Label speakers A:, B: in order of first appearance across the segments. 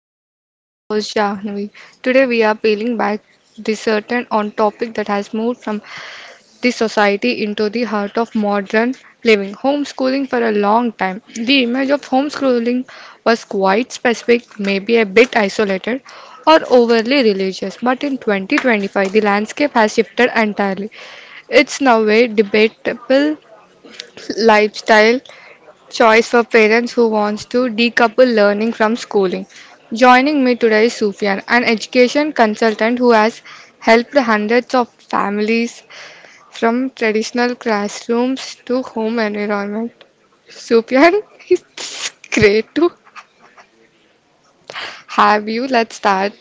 A: the show. I'm your host Jahnavi. Today we are peeling back the certain on topic that has moved from the society into the heart of modern living. Homeschooling for a long time. The image of homeschooling was quite specific, maybe a bit isolated or overly religious, but in 2025 the landscape has shifted entirely. It's now a debatable lifestyle choice for parents who wants to decouple learning from schooling. Joining me today is Sufyan, an education consultant who has helped hundreds of families from traditional classrooms to home environment. Sufyan, it's great to have you. Let's start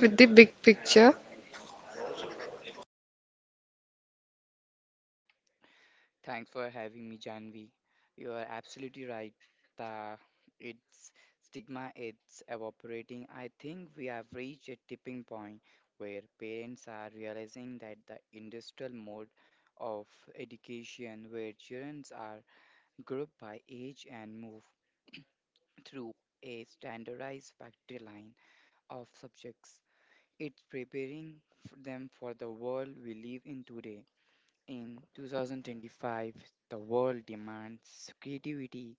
A: with the big picture.
B: Thanks for having me, Janvi. You are absolutely right. The its stigma it's evaporating. I think we have reached a tipping point where parents are realizing that the industrial mode of education where children are grouped by age and move through a standardized factory line of subjects. It's preparing them for the world we live in today in 2025, the world demands creativity,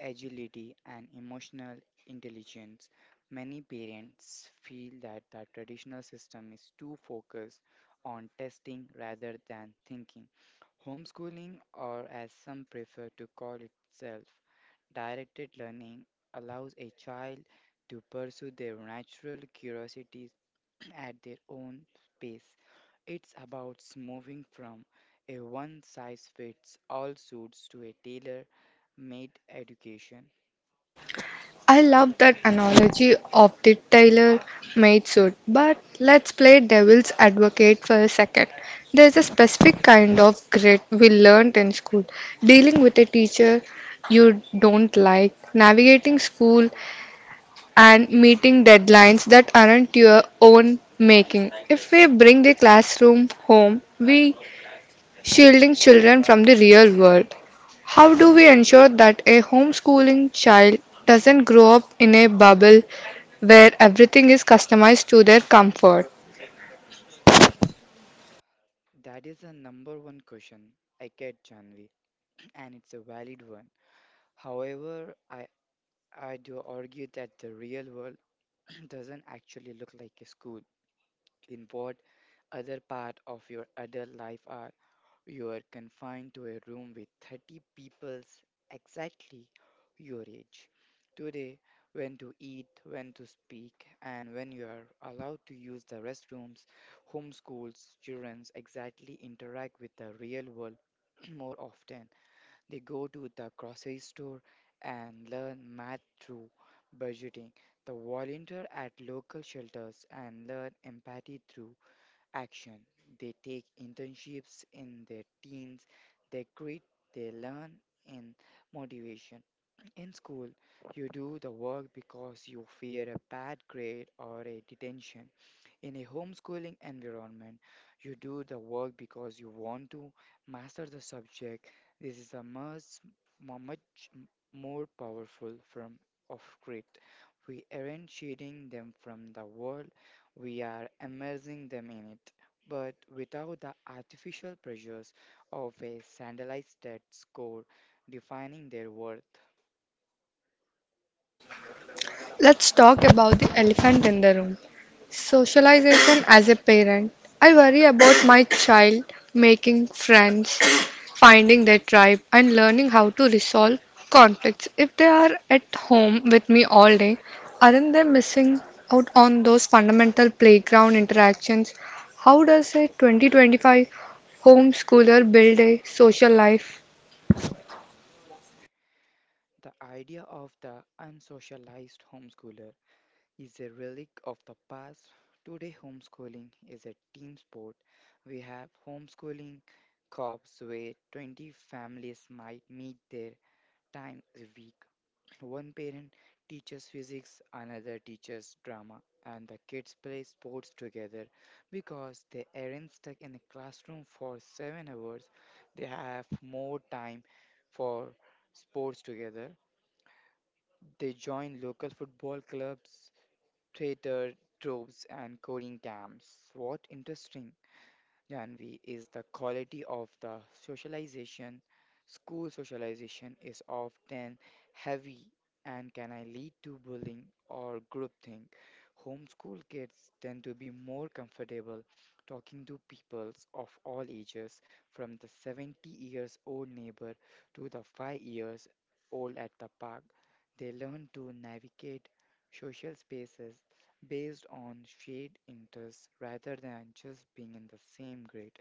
B: agility, and emotional intelligence. Many parents feel that the traditional system is too focused on testing rather than thinking. Homeschooling, or as some prefer to call itself, directed learning allows a child to pursue their natural curiosities at their own pace. It's about moving from a one size fits all suits to a tailor made education.
A: I love that analogy of the tailor made suit, but let's play devil's advocate for a second. There's a specific kind of grit we learned in school dealing with a teacher you don't like, navigating school, and meeting deadlines that aren't your own making. If we bring the classroom home, we shielding children from the real world. How do we ensure that a homeschooling child doesn't grow up in a bubble where everything is customized to their comfort?
B: That is the number one question I get, Janvi, and it's a valid one. However, I do argue that the real world doesn't actually look like a school. In what other part of your adult life are you are confined to a room with 30 people's exactly your age? Today, when to eat, when to speak, and when you are allowed to use the restrooms, homeschools children exactly interact with the real world more often. They go to the grocery store and learn math through budgeting. They volunteer at local shelters and learn empathy through action. They take internships in their teens, they quit, they learn in motivation. In school, you do the work because you fear a bad grade or a detention. In a homeschooling environment, you do the work because you want to master the subject. This is a much more powerful form of grit. We aren't shading them from the world, we are immersing them in it, but without the artificial pressures of a standardized test score defining their worth.
A: Let's talk about the elephant in the room. Socialization as a parent. I worry about my child making friends, finding their tribe, and learning how to resolve conflicts. If they are at home with me all day, aren't they missing out on those fundamental playground interactions? How does a 2025 homeschooler build a social life?
B: The idea of the unsocialized homeschooler is a relic of the past. Today, homeschooling is a team sport. We have homeschooling co-ops where 20 families might meet their times a week. One parent teaches physics, another teaches drama, and the kids play sports together because they aren't stuck in the classroom for 7 hours. They have more time for sports together. They join local football clubs, traitor troops and coding camps. What interesting, Janvi, is the quality of the socialization. School socialization is often heavy and can I lead to bullying or groupthink. Homeschool kids tend to be more comfortable talking to peoples of all ages, from the 70 years old neighbor to the 5 years old at the park. They learn to navigate social spaces based on shared interests rather than just being in the same grade.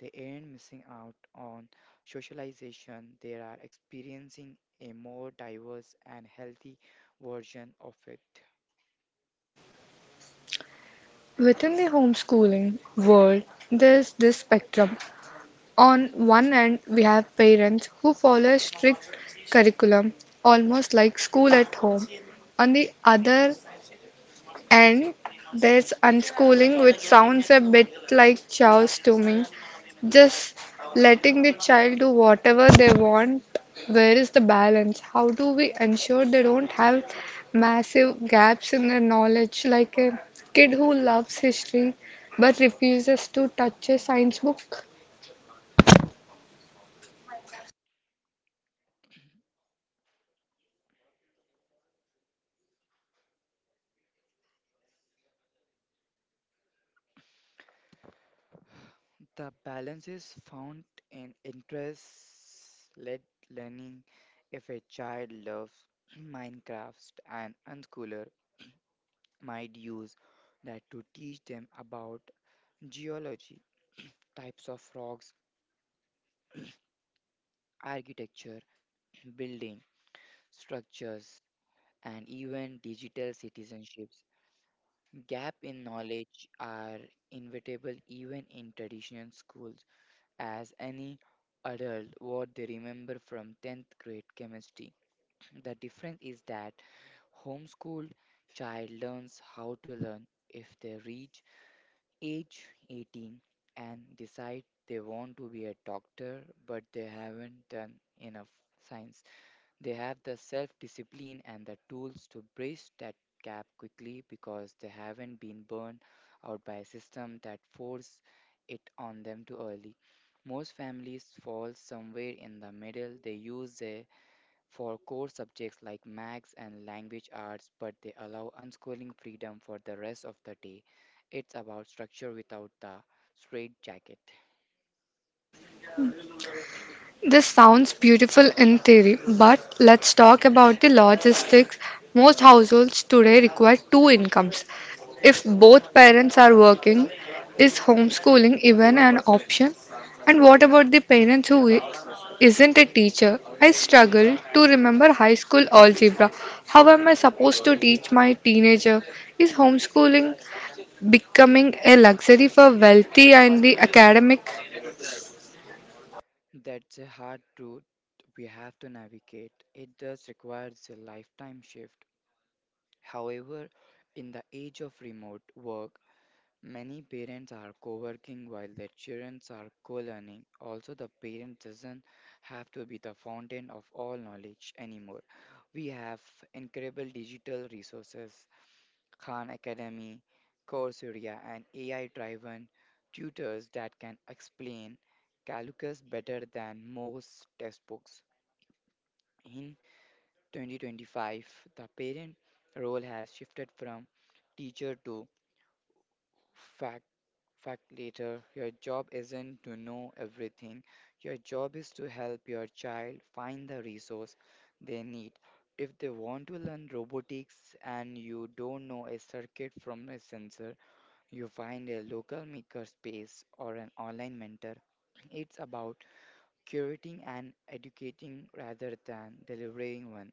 B: They aren't missing out on socialization, they are experiencing a more diverse and healthy version of it.
A: Within the homeschooling world, there's this spectrum. On one end, we have parents who follow a strict curriculum, almost like school at home. On the other end, there's unschooling, which sounds a bit like chaos to me. Just letting the child do whatever they want. Where is the balance? How do we ensure they don't have massive gaps in their knowledge, like a kid who loves history but refuses to touch a science book?
B: The balance is found in interest led learning. If a child loves Minecraft, an unschooler might use that to teach them about geology, types of rocks, architecture, building structures, and even digital citizenships. Gap in knowledge are inevitable even in traditional schools, as any adult what they remember from 10th grade chemistry. The difference is that homeschooled child learns how to learn. If they reach age 18 and decide they want to be a doctor but they haven't done enough science, they have the self discipline and the tools to bridge that gap quickly because they haven't been burned out by a system that forced it on them too early. Most families fall somewhere in the middle. They use it for core subjects like maths and language arts, but they allow unschooling freedom for the rest of the day. It's about structure without the straitjacket.
A: This sounds beautiful in theory, but let's talk about the logistics. Most households today require two incomes. If both parents are working, is homeschooling even an option? And what about the parents who isn't a teacher? I struggle to remember high school algebra. How am I supposed to teach my teenager? Is homeschooling becoming a luxury for wealthy and the academic?
B: That's a hard truth we have to navigate. It does requires a lifetime shift. However, in the age of remote work, many parents are co-working while their children are co-learning. Also, the parent doesn't have to be the fountain of all knowledge anymore. We have incredible digital resources: Khan Academy, Coursera, and AI driven tutors that can explain calculus better than most textbooks. In 2025, the parent role has shifted from teacher to fact facilitator. Your job isn't to know everything. Your job is to help your child find the resource they need. If they want to learn robotics and you don't know a circuit from a sensor, you find a local makerspace or an online mentor. It's about curating and educating rather than delivering one.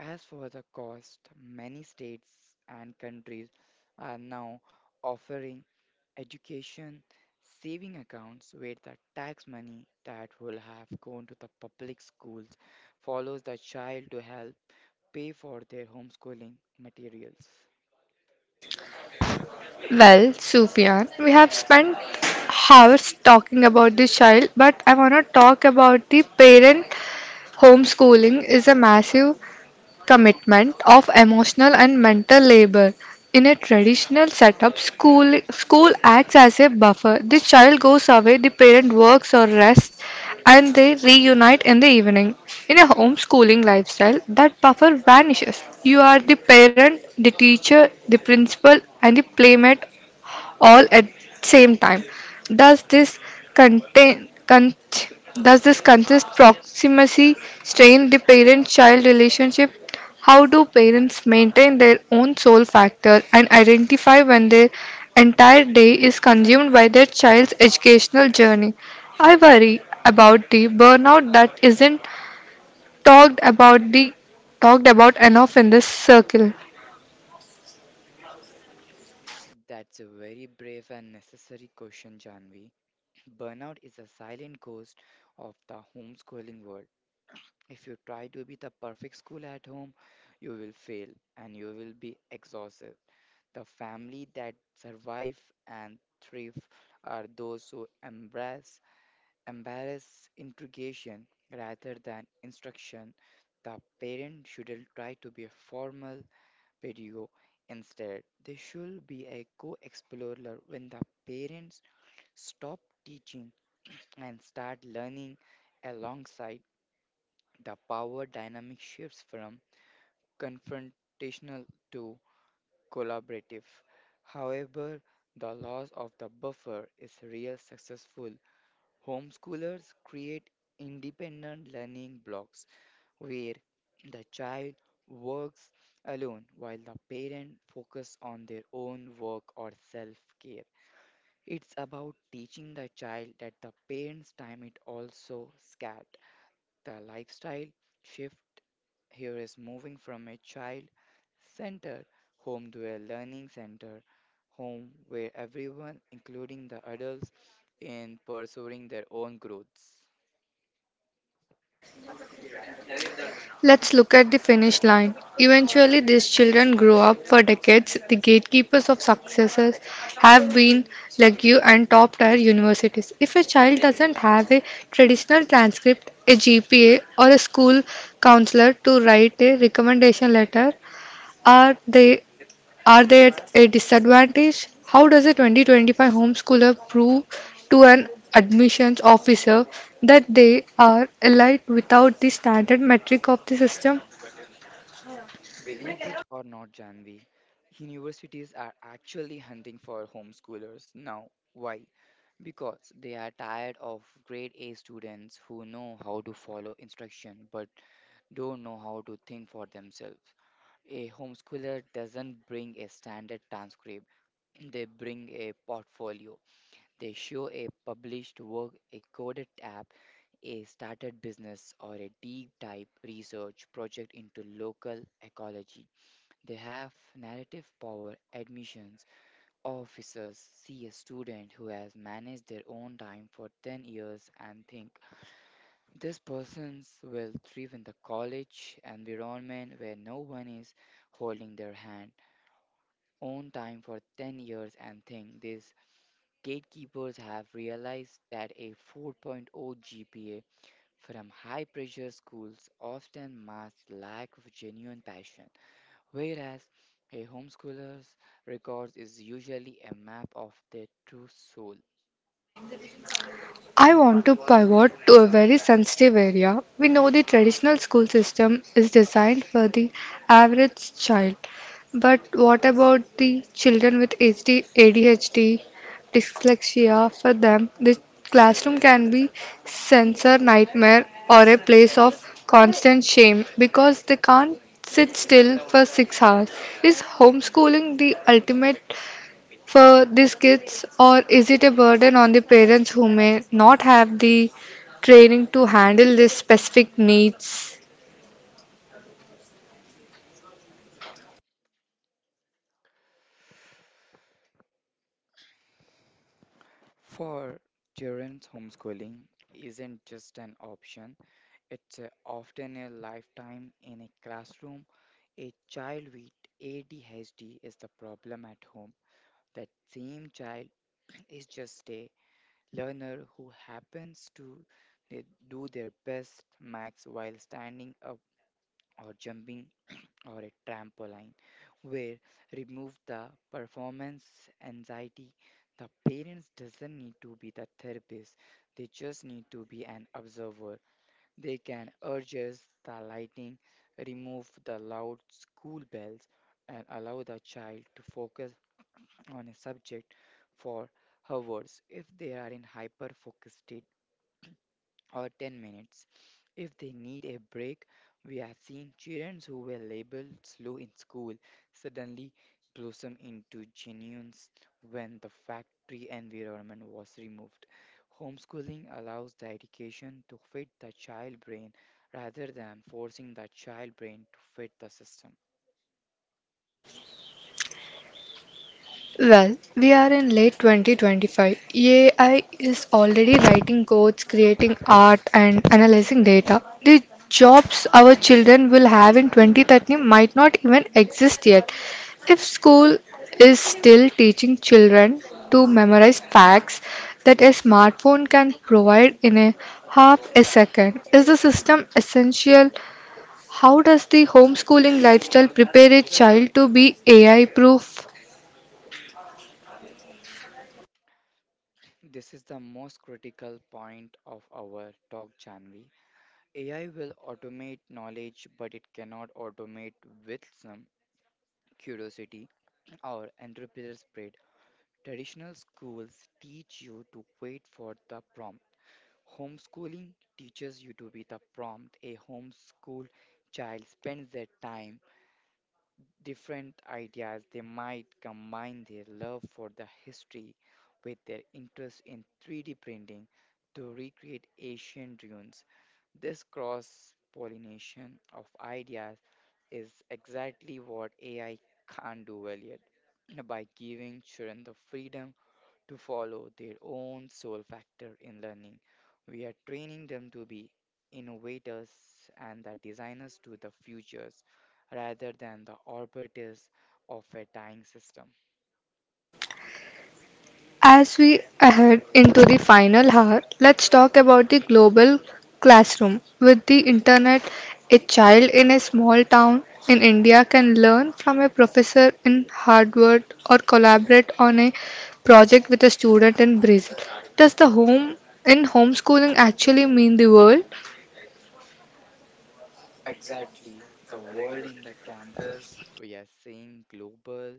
B: As for the cost, many states and countries are now offering education saving accounts where the tax money that will have gone to the public schools follows the child to help pay for their homeschooling materials.
A: Well, Sufyan, we have spent hours talking about the child, but I want to talk about the parent. Homeschooling is a massive commitment of emotional and mental labor. In a traditional setup, school acts as a buffer. The child goes away, the parent works or rests, and they reunite in the evening. In a homeschooling lifestyle, that buffer vanishes. You are the parent, the teacher, the principal, and the playmate all at same time. Does this contain con- does this consist proximity strain the parent-child relationship? How do parents maintain their own soul factor and identify when their entire day is consumed by their child's educational journey? I worry about the burnout that isn't talked about the talked about enough in this circle.
B: That's a very brave and necessary question, Janvi. Burnout is a silent ghost of the homeschooling world. If you try to be the perfect school at home, you will fail and you will be exhausted. The family that survive and thrive are those who embrace integration rather than instruction. The parent shouldn't try to be a formal pedagogue. Instead, they should be a co-explorer. When the parents stop teaching and start learning alongside, the power dynamic shifts from confrontational to collaborative. However, the loss of the buffer is real. Successful homeschoolers create independent learning blocks where the child works alone while the parent focus on their own work or self-care. It's about teaching the child that the parent's time is also scarce. The lifestyle shift here is moving from a child centered home to a learning center home where everyone, including the adults, in pursuing their own growths.
A: Let's look at the finish line. Eventually, these children grow up. For decades, the gatekeepers of successes have been legue and top tier universities. If a child doesn't have a traditional transcript, a GPA, or a school counselor to write a recommendation letter, are they are they at a disadvantage? How does a 2025 homeschooler prove to an admissions officer that they are elite without the standard metric of the system?
B: Believe it or not, Janvi, universities are actually hunting for homeschoolers now. Why? Because they are tired of grade A students who know how to follow instruction but don't know how to think for themselves. A homeschooler doesn't bring a standard transcript, they bring a portfolio. They show a published work, a coded app, a started business, or a deep dive research project into local ecology. They have narrative power. Admissions officers see a student who has managed their own time for 10 years and think, this person will thrive in the college environment where no one is holding their hand. own time for 10 years and think these gatekeepers have realized that a 4.0 GPA from high pressure schools often masks lack of genuine passion, whereas a homeschooler's records is usually a map of their true soul.
A: I want to pivot to a very sensitive area. We know the traditional school system is designed for the average child, but what about the children with HD, ADHD, dyslexia? For them, the classroom can be sensor nightmare or a place of constant shame because they can't sit still for 6 hours. Is homeschooling the ultimate for these kids, or is it a burden on the parents who may not have the training to handle these specific needs?
B: For children's, homeschooling isn't just an option, it's often a lifetime. In a classroom, a child with ADHD is the problem at home. That same child is just a learner who happens to they do their best max while standing up or jumping or a trampoline, where remove the performance anxiety. The parents doesn't need to be the therapist. They just need to be an observer. They can adjust the lighting, remove the loud school bells, and allow the child to focus on a subject for hours if they are in hyper focused state, or 10 minutes if they need a break. We have seen children who were labeled slow in school suddenly blossom into geniuses when the factory environment was removed. Homeschooling allows the education to fit the child brain rather than forcing the child brain to fit the system.
A: Well, we are in late 2025. AI is already writing codes, creating art, and analyzing data. The jobs our children will have in 2030 might not even exist yet. If school is still teaching children to memorize facts that a smartphone can provide in a half a second, is the system essential? How does the homeschooling lifestyle prepare a child to be AI proof?
B: This is the most critical point of our talk, Janvi. AI will automate knowledge, but it cannot automate with some curiosity, or entrepreneurial spirit. Traditional schools teach you to wait for the prompt. Homeschooling teaches you to be the prompt. A homeschooled child spends their time different ideas. They might combine their love for the history with their interest in 3D printing to recreate ancient ruins. This cross pollination of ideas is exactly what AI can't do well yet. by giving children the freedom to follow their own soul factor in learning, we are training them to be innovators and the designers to the futures rather than the operators of a dying system.
A: As we head into the final hour, let's talk about the global classroom. With the internet, a child in a small town in India can learn from a professor in Harvard or collaborate on a project with a student in Brazil. Does the home in homeschooling actually mean the world?
B: Exactly, the world in the campus, we are seeing global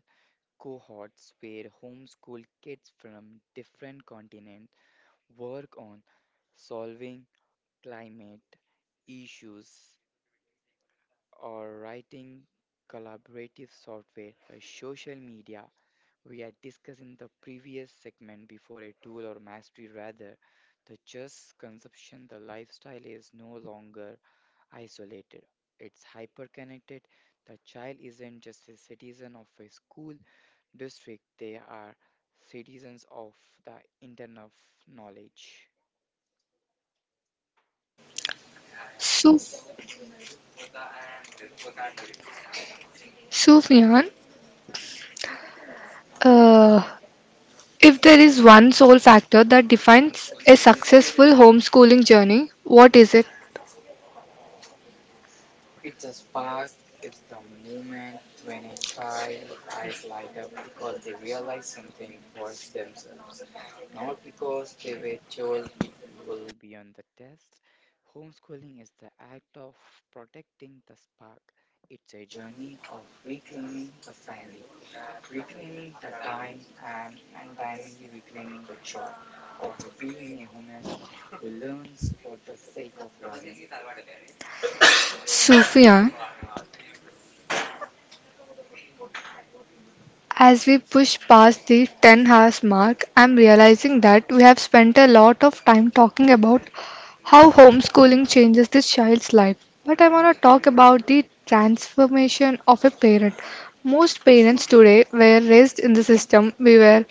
B: cohorts where homeschool kids from different continents work on solving climate issues or writing collaborative software or social media. We had discussed in the previous segment before a tool or mastery rather the just consumption. The lifestyle is no longer isolated. It's hyperconnected. The child isn't just a citizen of a school district, they are citizens of the internet of knowledge.
A: Sufyan, uh, if there is one sole factor that defines a successful homeschooling journey, what is it?
B: It's a spark, it's the moment when a child eyes light up because they realize something for themselves, not because they were told it will be on the test. Homeschooling is the act of protecting the spark. It's a journey of reclaiming the family, reclaiming the time, and untimely reclaiming the joy of being a human who learns for the sake of learning.
A: Sufyan. As we push past the 10 hours mark, I'm realizing that we have spent a lot of time talking about how homeschooling changes the child's life. But I want to talk about the transformation of a parent. Most parents today were raised in the system we were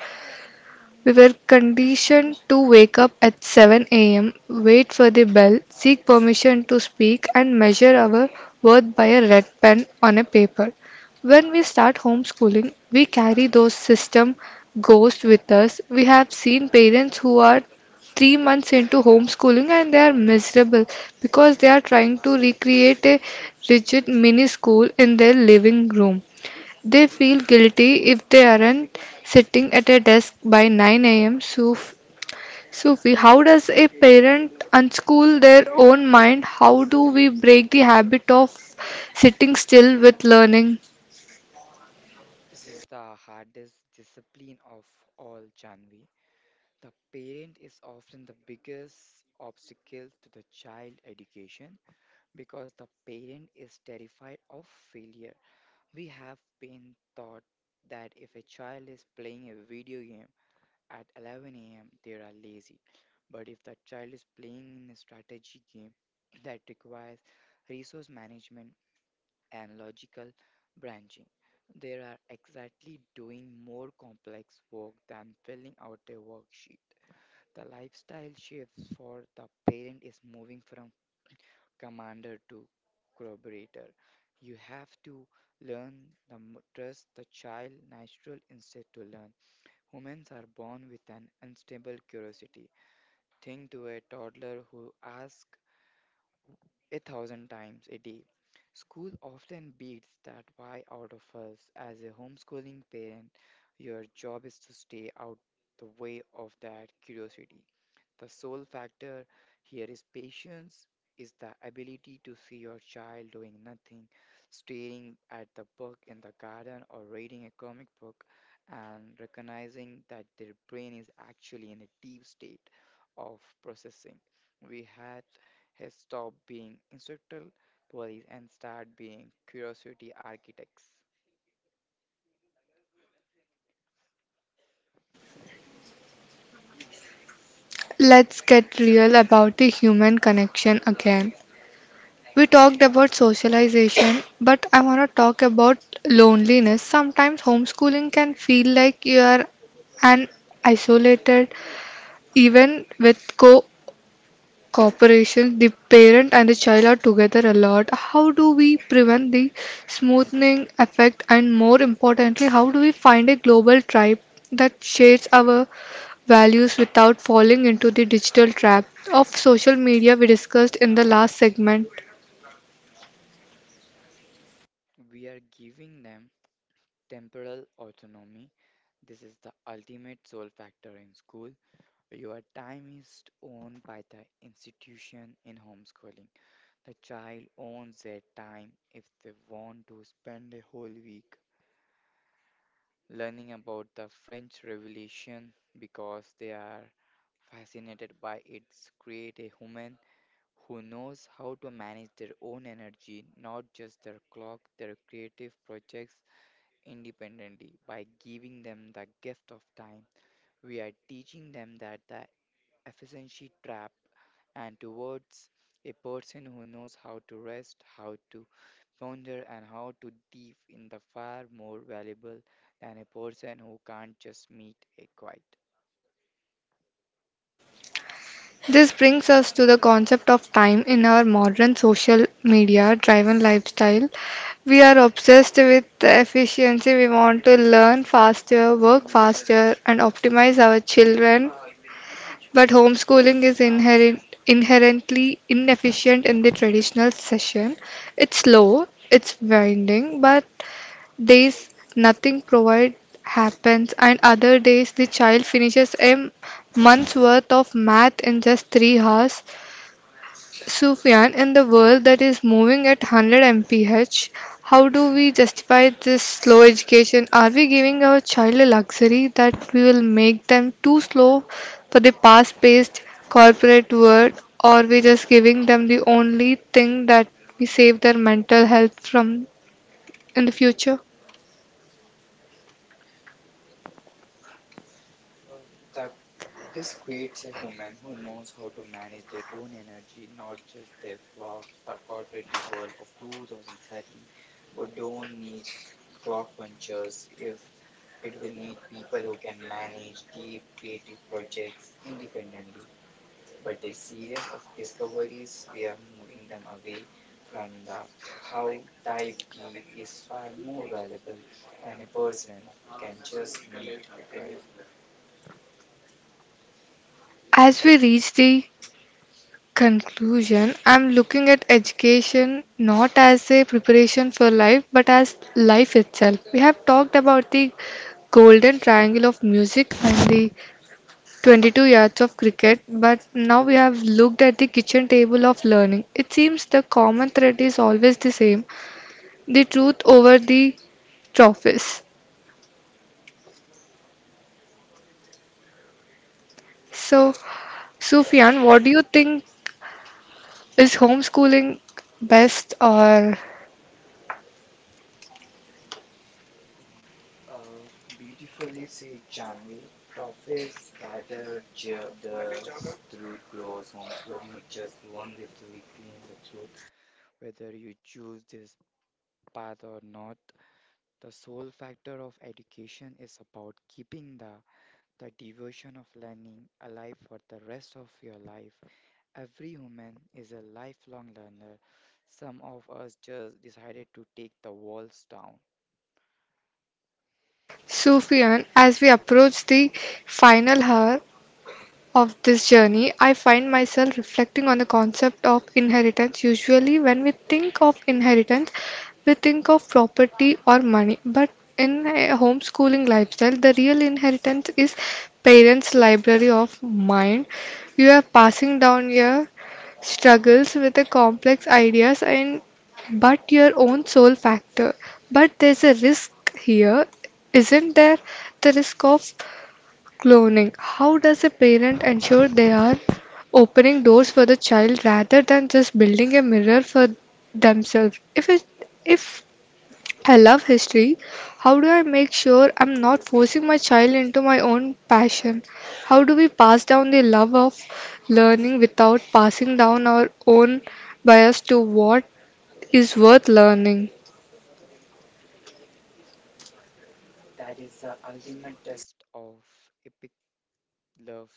A: we were conditioned to wake up at 7 a.m., wait for the bell, seek permission to speak, and measure our worth by a red pen on a paper. When we start homeschooling, we carry those system ghosts with us. We have seen parents who are 3 months into homeschooling and they are miserable because they are trying to recreate a rigid mini school in their living room. They feel guilty if they aren't sitting at a desk by 9 am. Sufi, how does a parent unschool their own mind? How do we break the habit of sitting still with learning?
B: This is the hardest discipline of all, Janvi. The parent is often the biggest obstacle to the child education because the parent is terrified of failure. We have been taught that if a child is playing a video game at 11 a.m., they are lazy. But if the child is playing in a strategy game that requires resource management and logical branching. They are exactly doing more complex work than filling out a worksheet. The lifestyle shift for the parent is moving from commander to collaborator. You have to learn trust the child natural instead to learn. Humans are born with an unstable curiosity. Think to a toddler who asks a thousand times a day. School often beats that why out of us. As a homeschooling parent, your job is to stay out the way of that curiosity. The sole factor here is patience, is the ability to see your child doing nothing, staring at the book in the garden or reading a comic book, and recognizing that their brain is actually in a deep state of processing. We had has stopped being instructional police and start being curiosity architects.
A: Let's get real about the human connection again. We talked about socialization, but I want to talk about loneliness. Sometimes homeschooling can feel like you are an isolated, even with co Cooperation. The parent and the child are together a lot. How do we prevent the smoothing effect, and more importantly, how do we find a global tribe that shares our values without falling into the digital trap of social media we discussed in the last segment?
B: We are giving them temporal autonomy. This is the ultimate soul factor in school. Your time is owned by the institution in homeschooling. The child owns their time if they want to spend a whole week learning about the French Revolution because they are fascinated by its create a human who knows how to manage their own energy, not just their clock, their creative projects independently. By giving them the gift of time, we are teaching them that the efficiency trap and towards a person who knows how to rest, how to ponder, and how to dive in the far more valuable than a person who can't just meet a quiet.
A: This brings us to the concept of time in our modern social media driven lifestyle. We are obsessed with the efficiency. We want to learn faster, work faster, and optimize our children. But homeschooling is inherently inefficient in the traditional session. It's slow, it's winding, but days nothing provide happens, and other days the child finishes a month's worth of math in just 3 hours. Sufyan, in the world that is moving at 100 mph, how do we justify this slow education? Are we giving our child a luxury that we will make them too slow for the fast-paced corporate world, or we just giving them the only thing that we save their mental health from in the future?
B: Uh, the This creates a human who knows how to manage their own energy, not just their clock. The corporate world of 2030 would don't need clock punchers if it will need people who can manage deep creative projects independently. But a series of discoveries, we are moving them away from the how dive deep is far more valuable than a person who can just meet a guy.
A: As we reach the Conclusion, I'm looking at education not as a preparation for life but as life itself. We have talked about the golden triangle of music and the 22 yards of cricket, but now we have looked at the kitchen table of learning. It seems the common thread is always the same, the truth over the trophies. So, Sufyan, what do you think, is homeschooling best or
B: Uh, Beautifully said, Janvi. Toffees gather dust, truth grows. Homeschooling is just one way to reclaim the truth. Whether you choose this path or not, the sole factor of education is about keeping the devotion of learning alive for the rest of your life. Every human is a lifelong learner. Some of us just decided to take the walls down.
A: Sufyan, as we approach the final hour of this journey, I find myself reflecting on the concept of inheritance. Usually, when we think of inheritance, we think of property or money, but in a homeschooling lifestyle, the real inheritance is parents' library of mind. You are passing down your struggles with the complex ideas and but your own soul factor. But there's a risk here, isn't there? The risk of Cloning. How does a parent ensure they are opening doors for the child rather than just building a mirror for themselves? If I love history, how do I make sure I'm not forcing my child into my own passion? How do we pass down the love of learning without passing down our own bias to what is worth learning?
B: That is the ultimate test of epic love,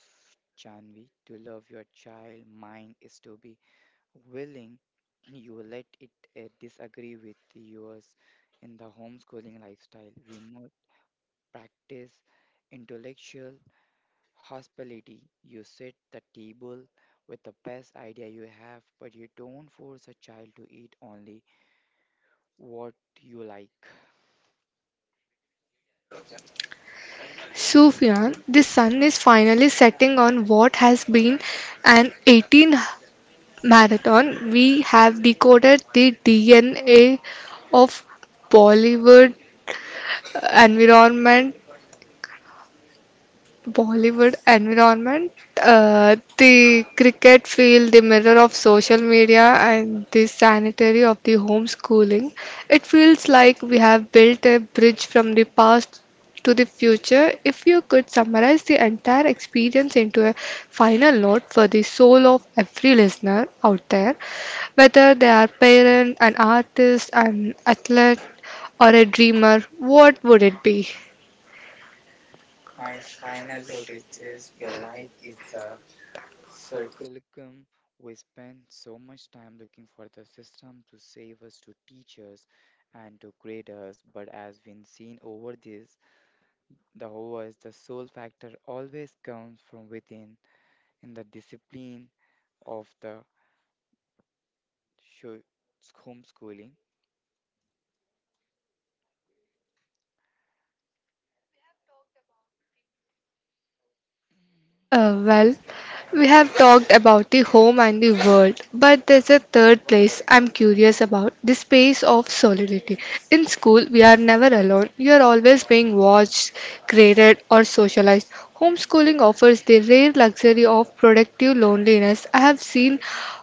B: Janvi. To love your child mind is to be willing you let it disagree with yours in the homeschooling lifestyle. We must practice intellectual hospitality. You set the table with the best idea you have, but you don't force a child to eat only what you like.
A: Sufyan, the sun is finally setting on what has been an 18 marathon, we have decoded the DNA of Bollywood environment Bollywood environment, the cricket field, the mirror of social media, and the sanitary of the homeschooling. It feels like we have built a bridge from the past to the future. If you could summarize the entire experience into a final note for the soul of every listener out there, whether they are parent, an artist, an athlete, or a dreamer, what would it be?
B: My final note is this your life is a Circulicum, we spend so much time looking for the system to save us, to teach us, and to grade us. But as we've seen over this, the hours, the soul factor always comes from within in the discipline of the sho- homeschooling.
A: Well, we have talked about the home and the world, but there's a third place I'm curious about the space of solidity. In school, we are never alone, you are always being watched, graded, or socialized. Homeschooling offers the rare luxury of productive loneliness. I have seen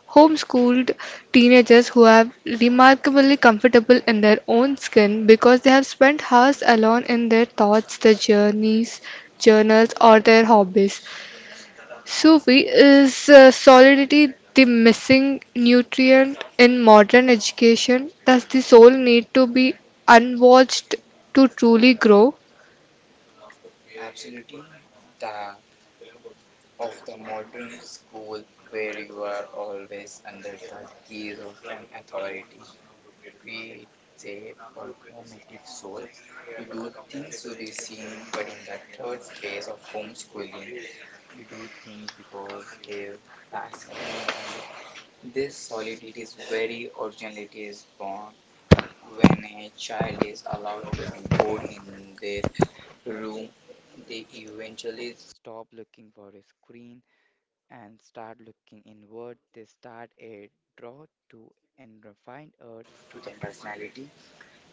A: homeschooled teenagers who are remarkably comfortable in their own skin because they have spent hours alone in their thoughts, their journals, or their hobbies. Sufi is solidity the missing nutrient in modern education? Does the soul need to be unwatched to truly grow?
B: Absolutely, that of the modern school where you are always under the gaze of an authority creates a performative soul. You do things to be seen, but in the third space of homeschooling, you do things because they fascinate you. This solidity is very originality is born when a child is allowed to be bored in their room, they eventually stop looking for a screen and start looking inward. They start a draw to and find a to the personality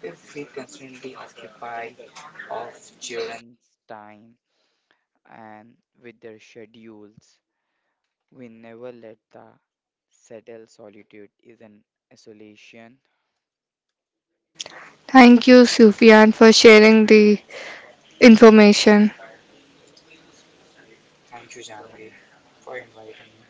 B: if we constantly occupy of children's time and with their schedules, we never let the settle. Solitude is an isolation.
A: Thank you, Sufian, for sharing the information.
B: Thank you, janvi, for inviting me.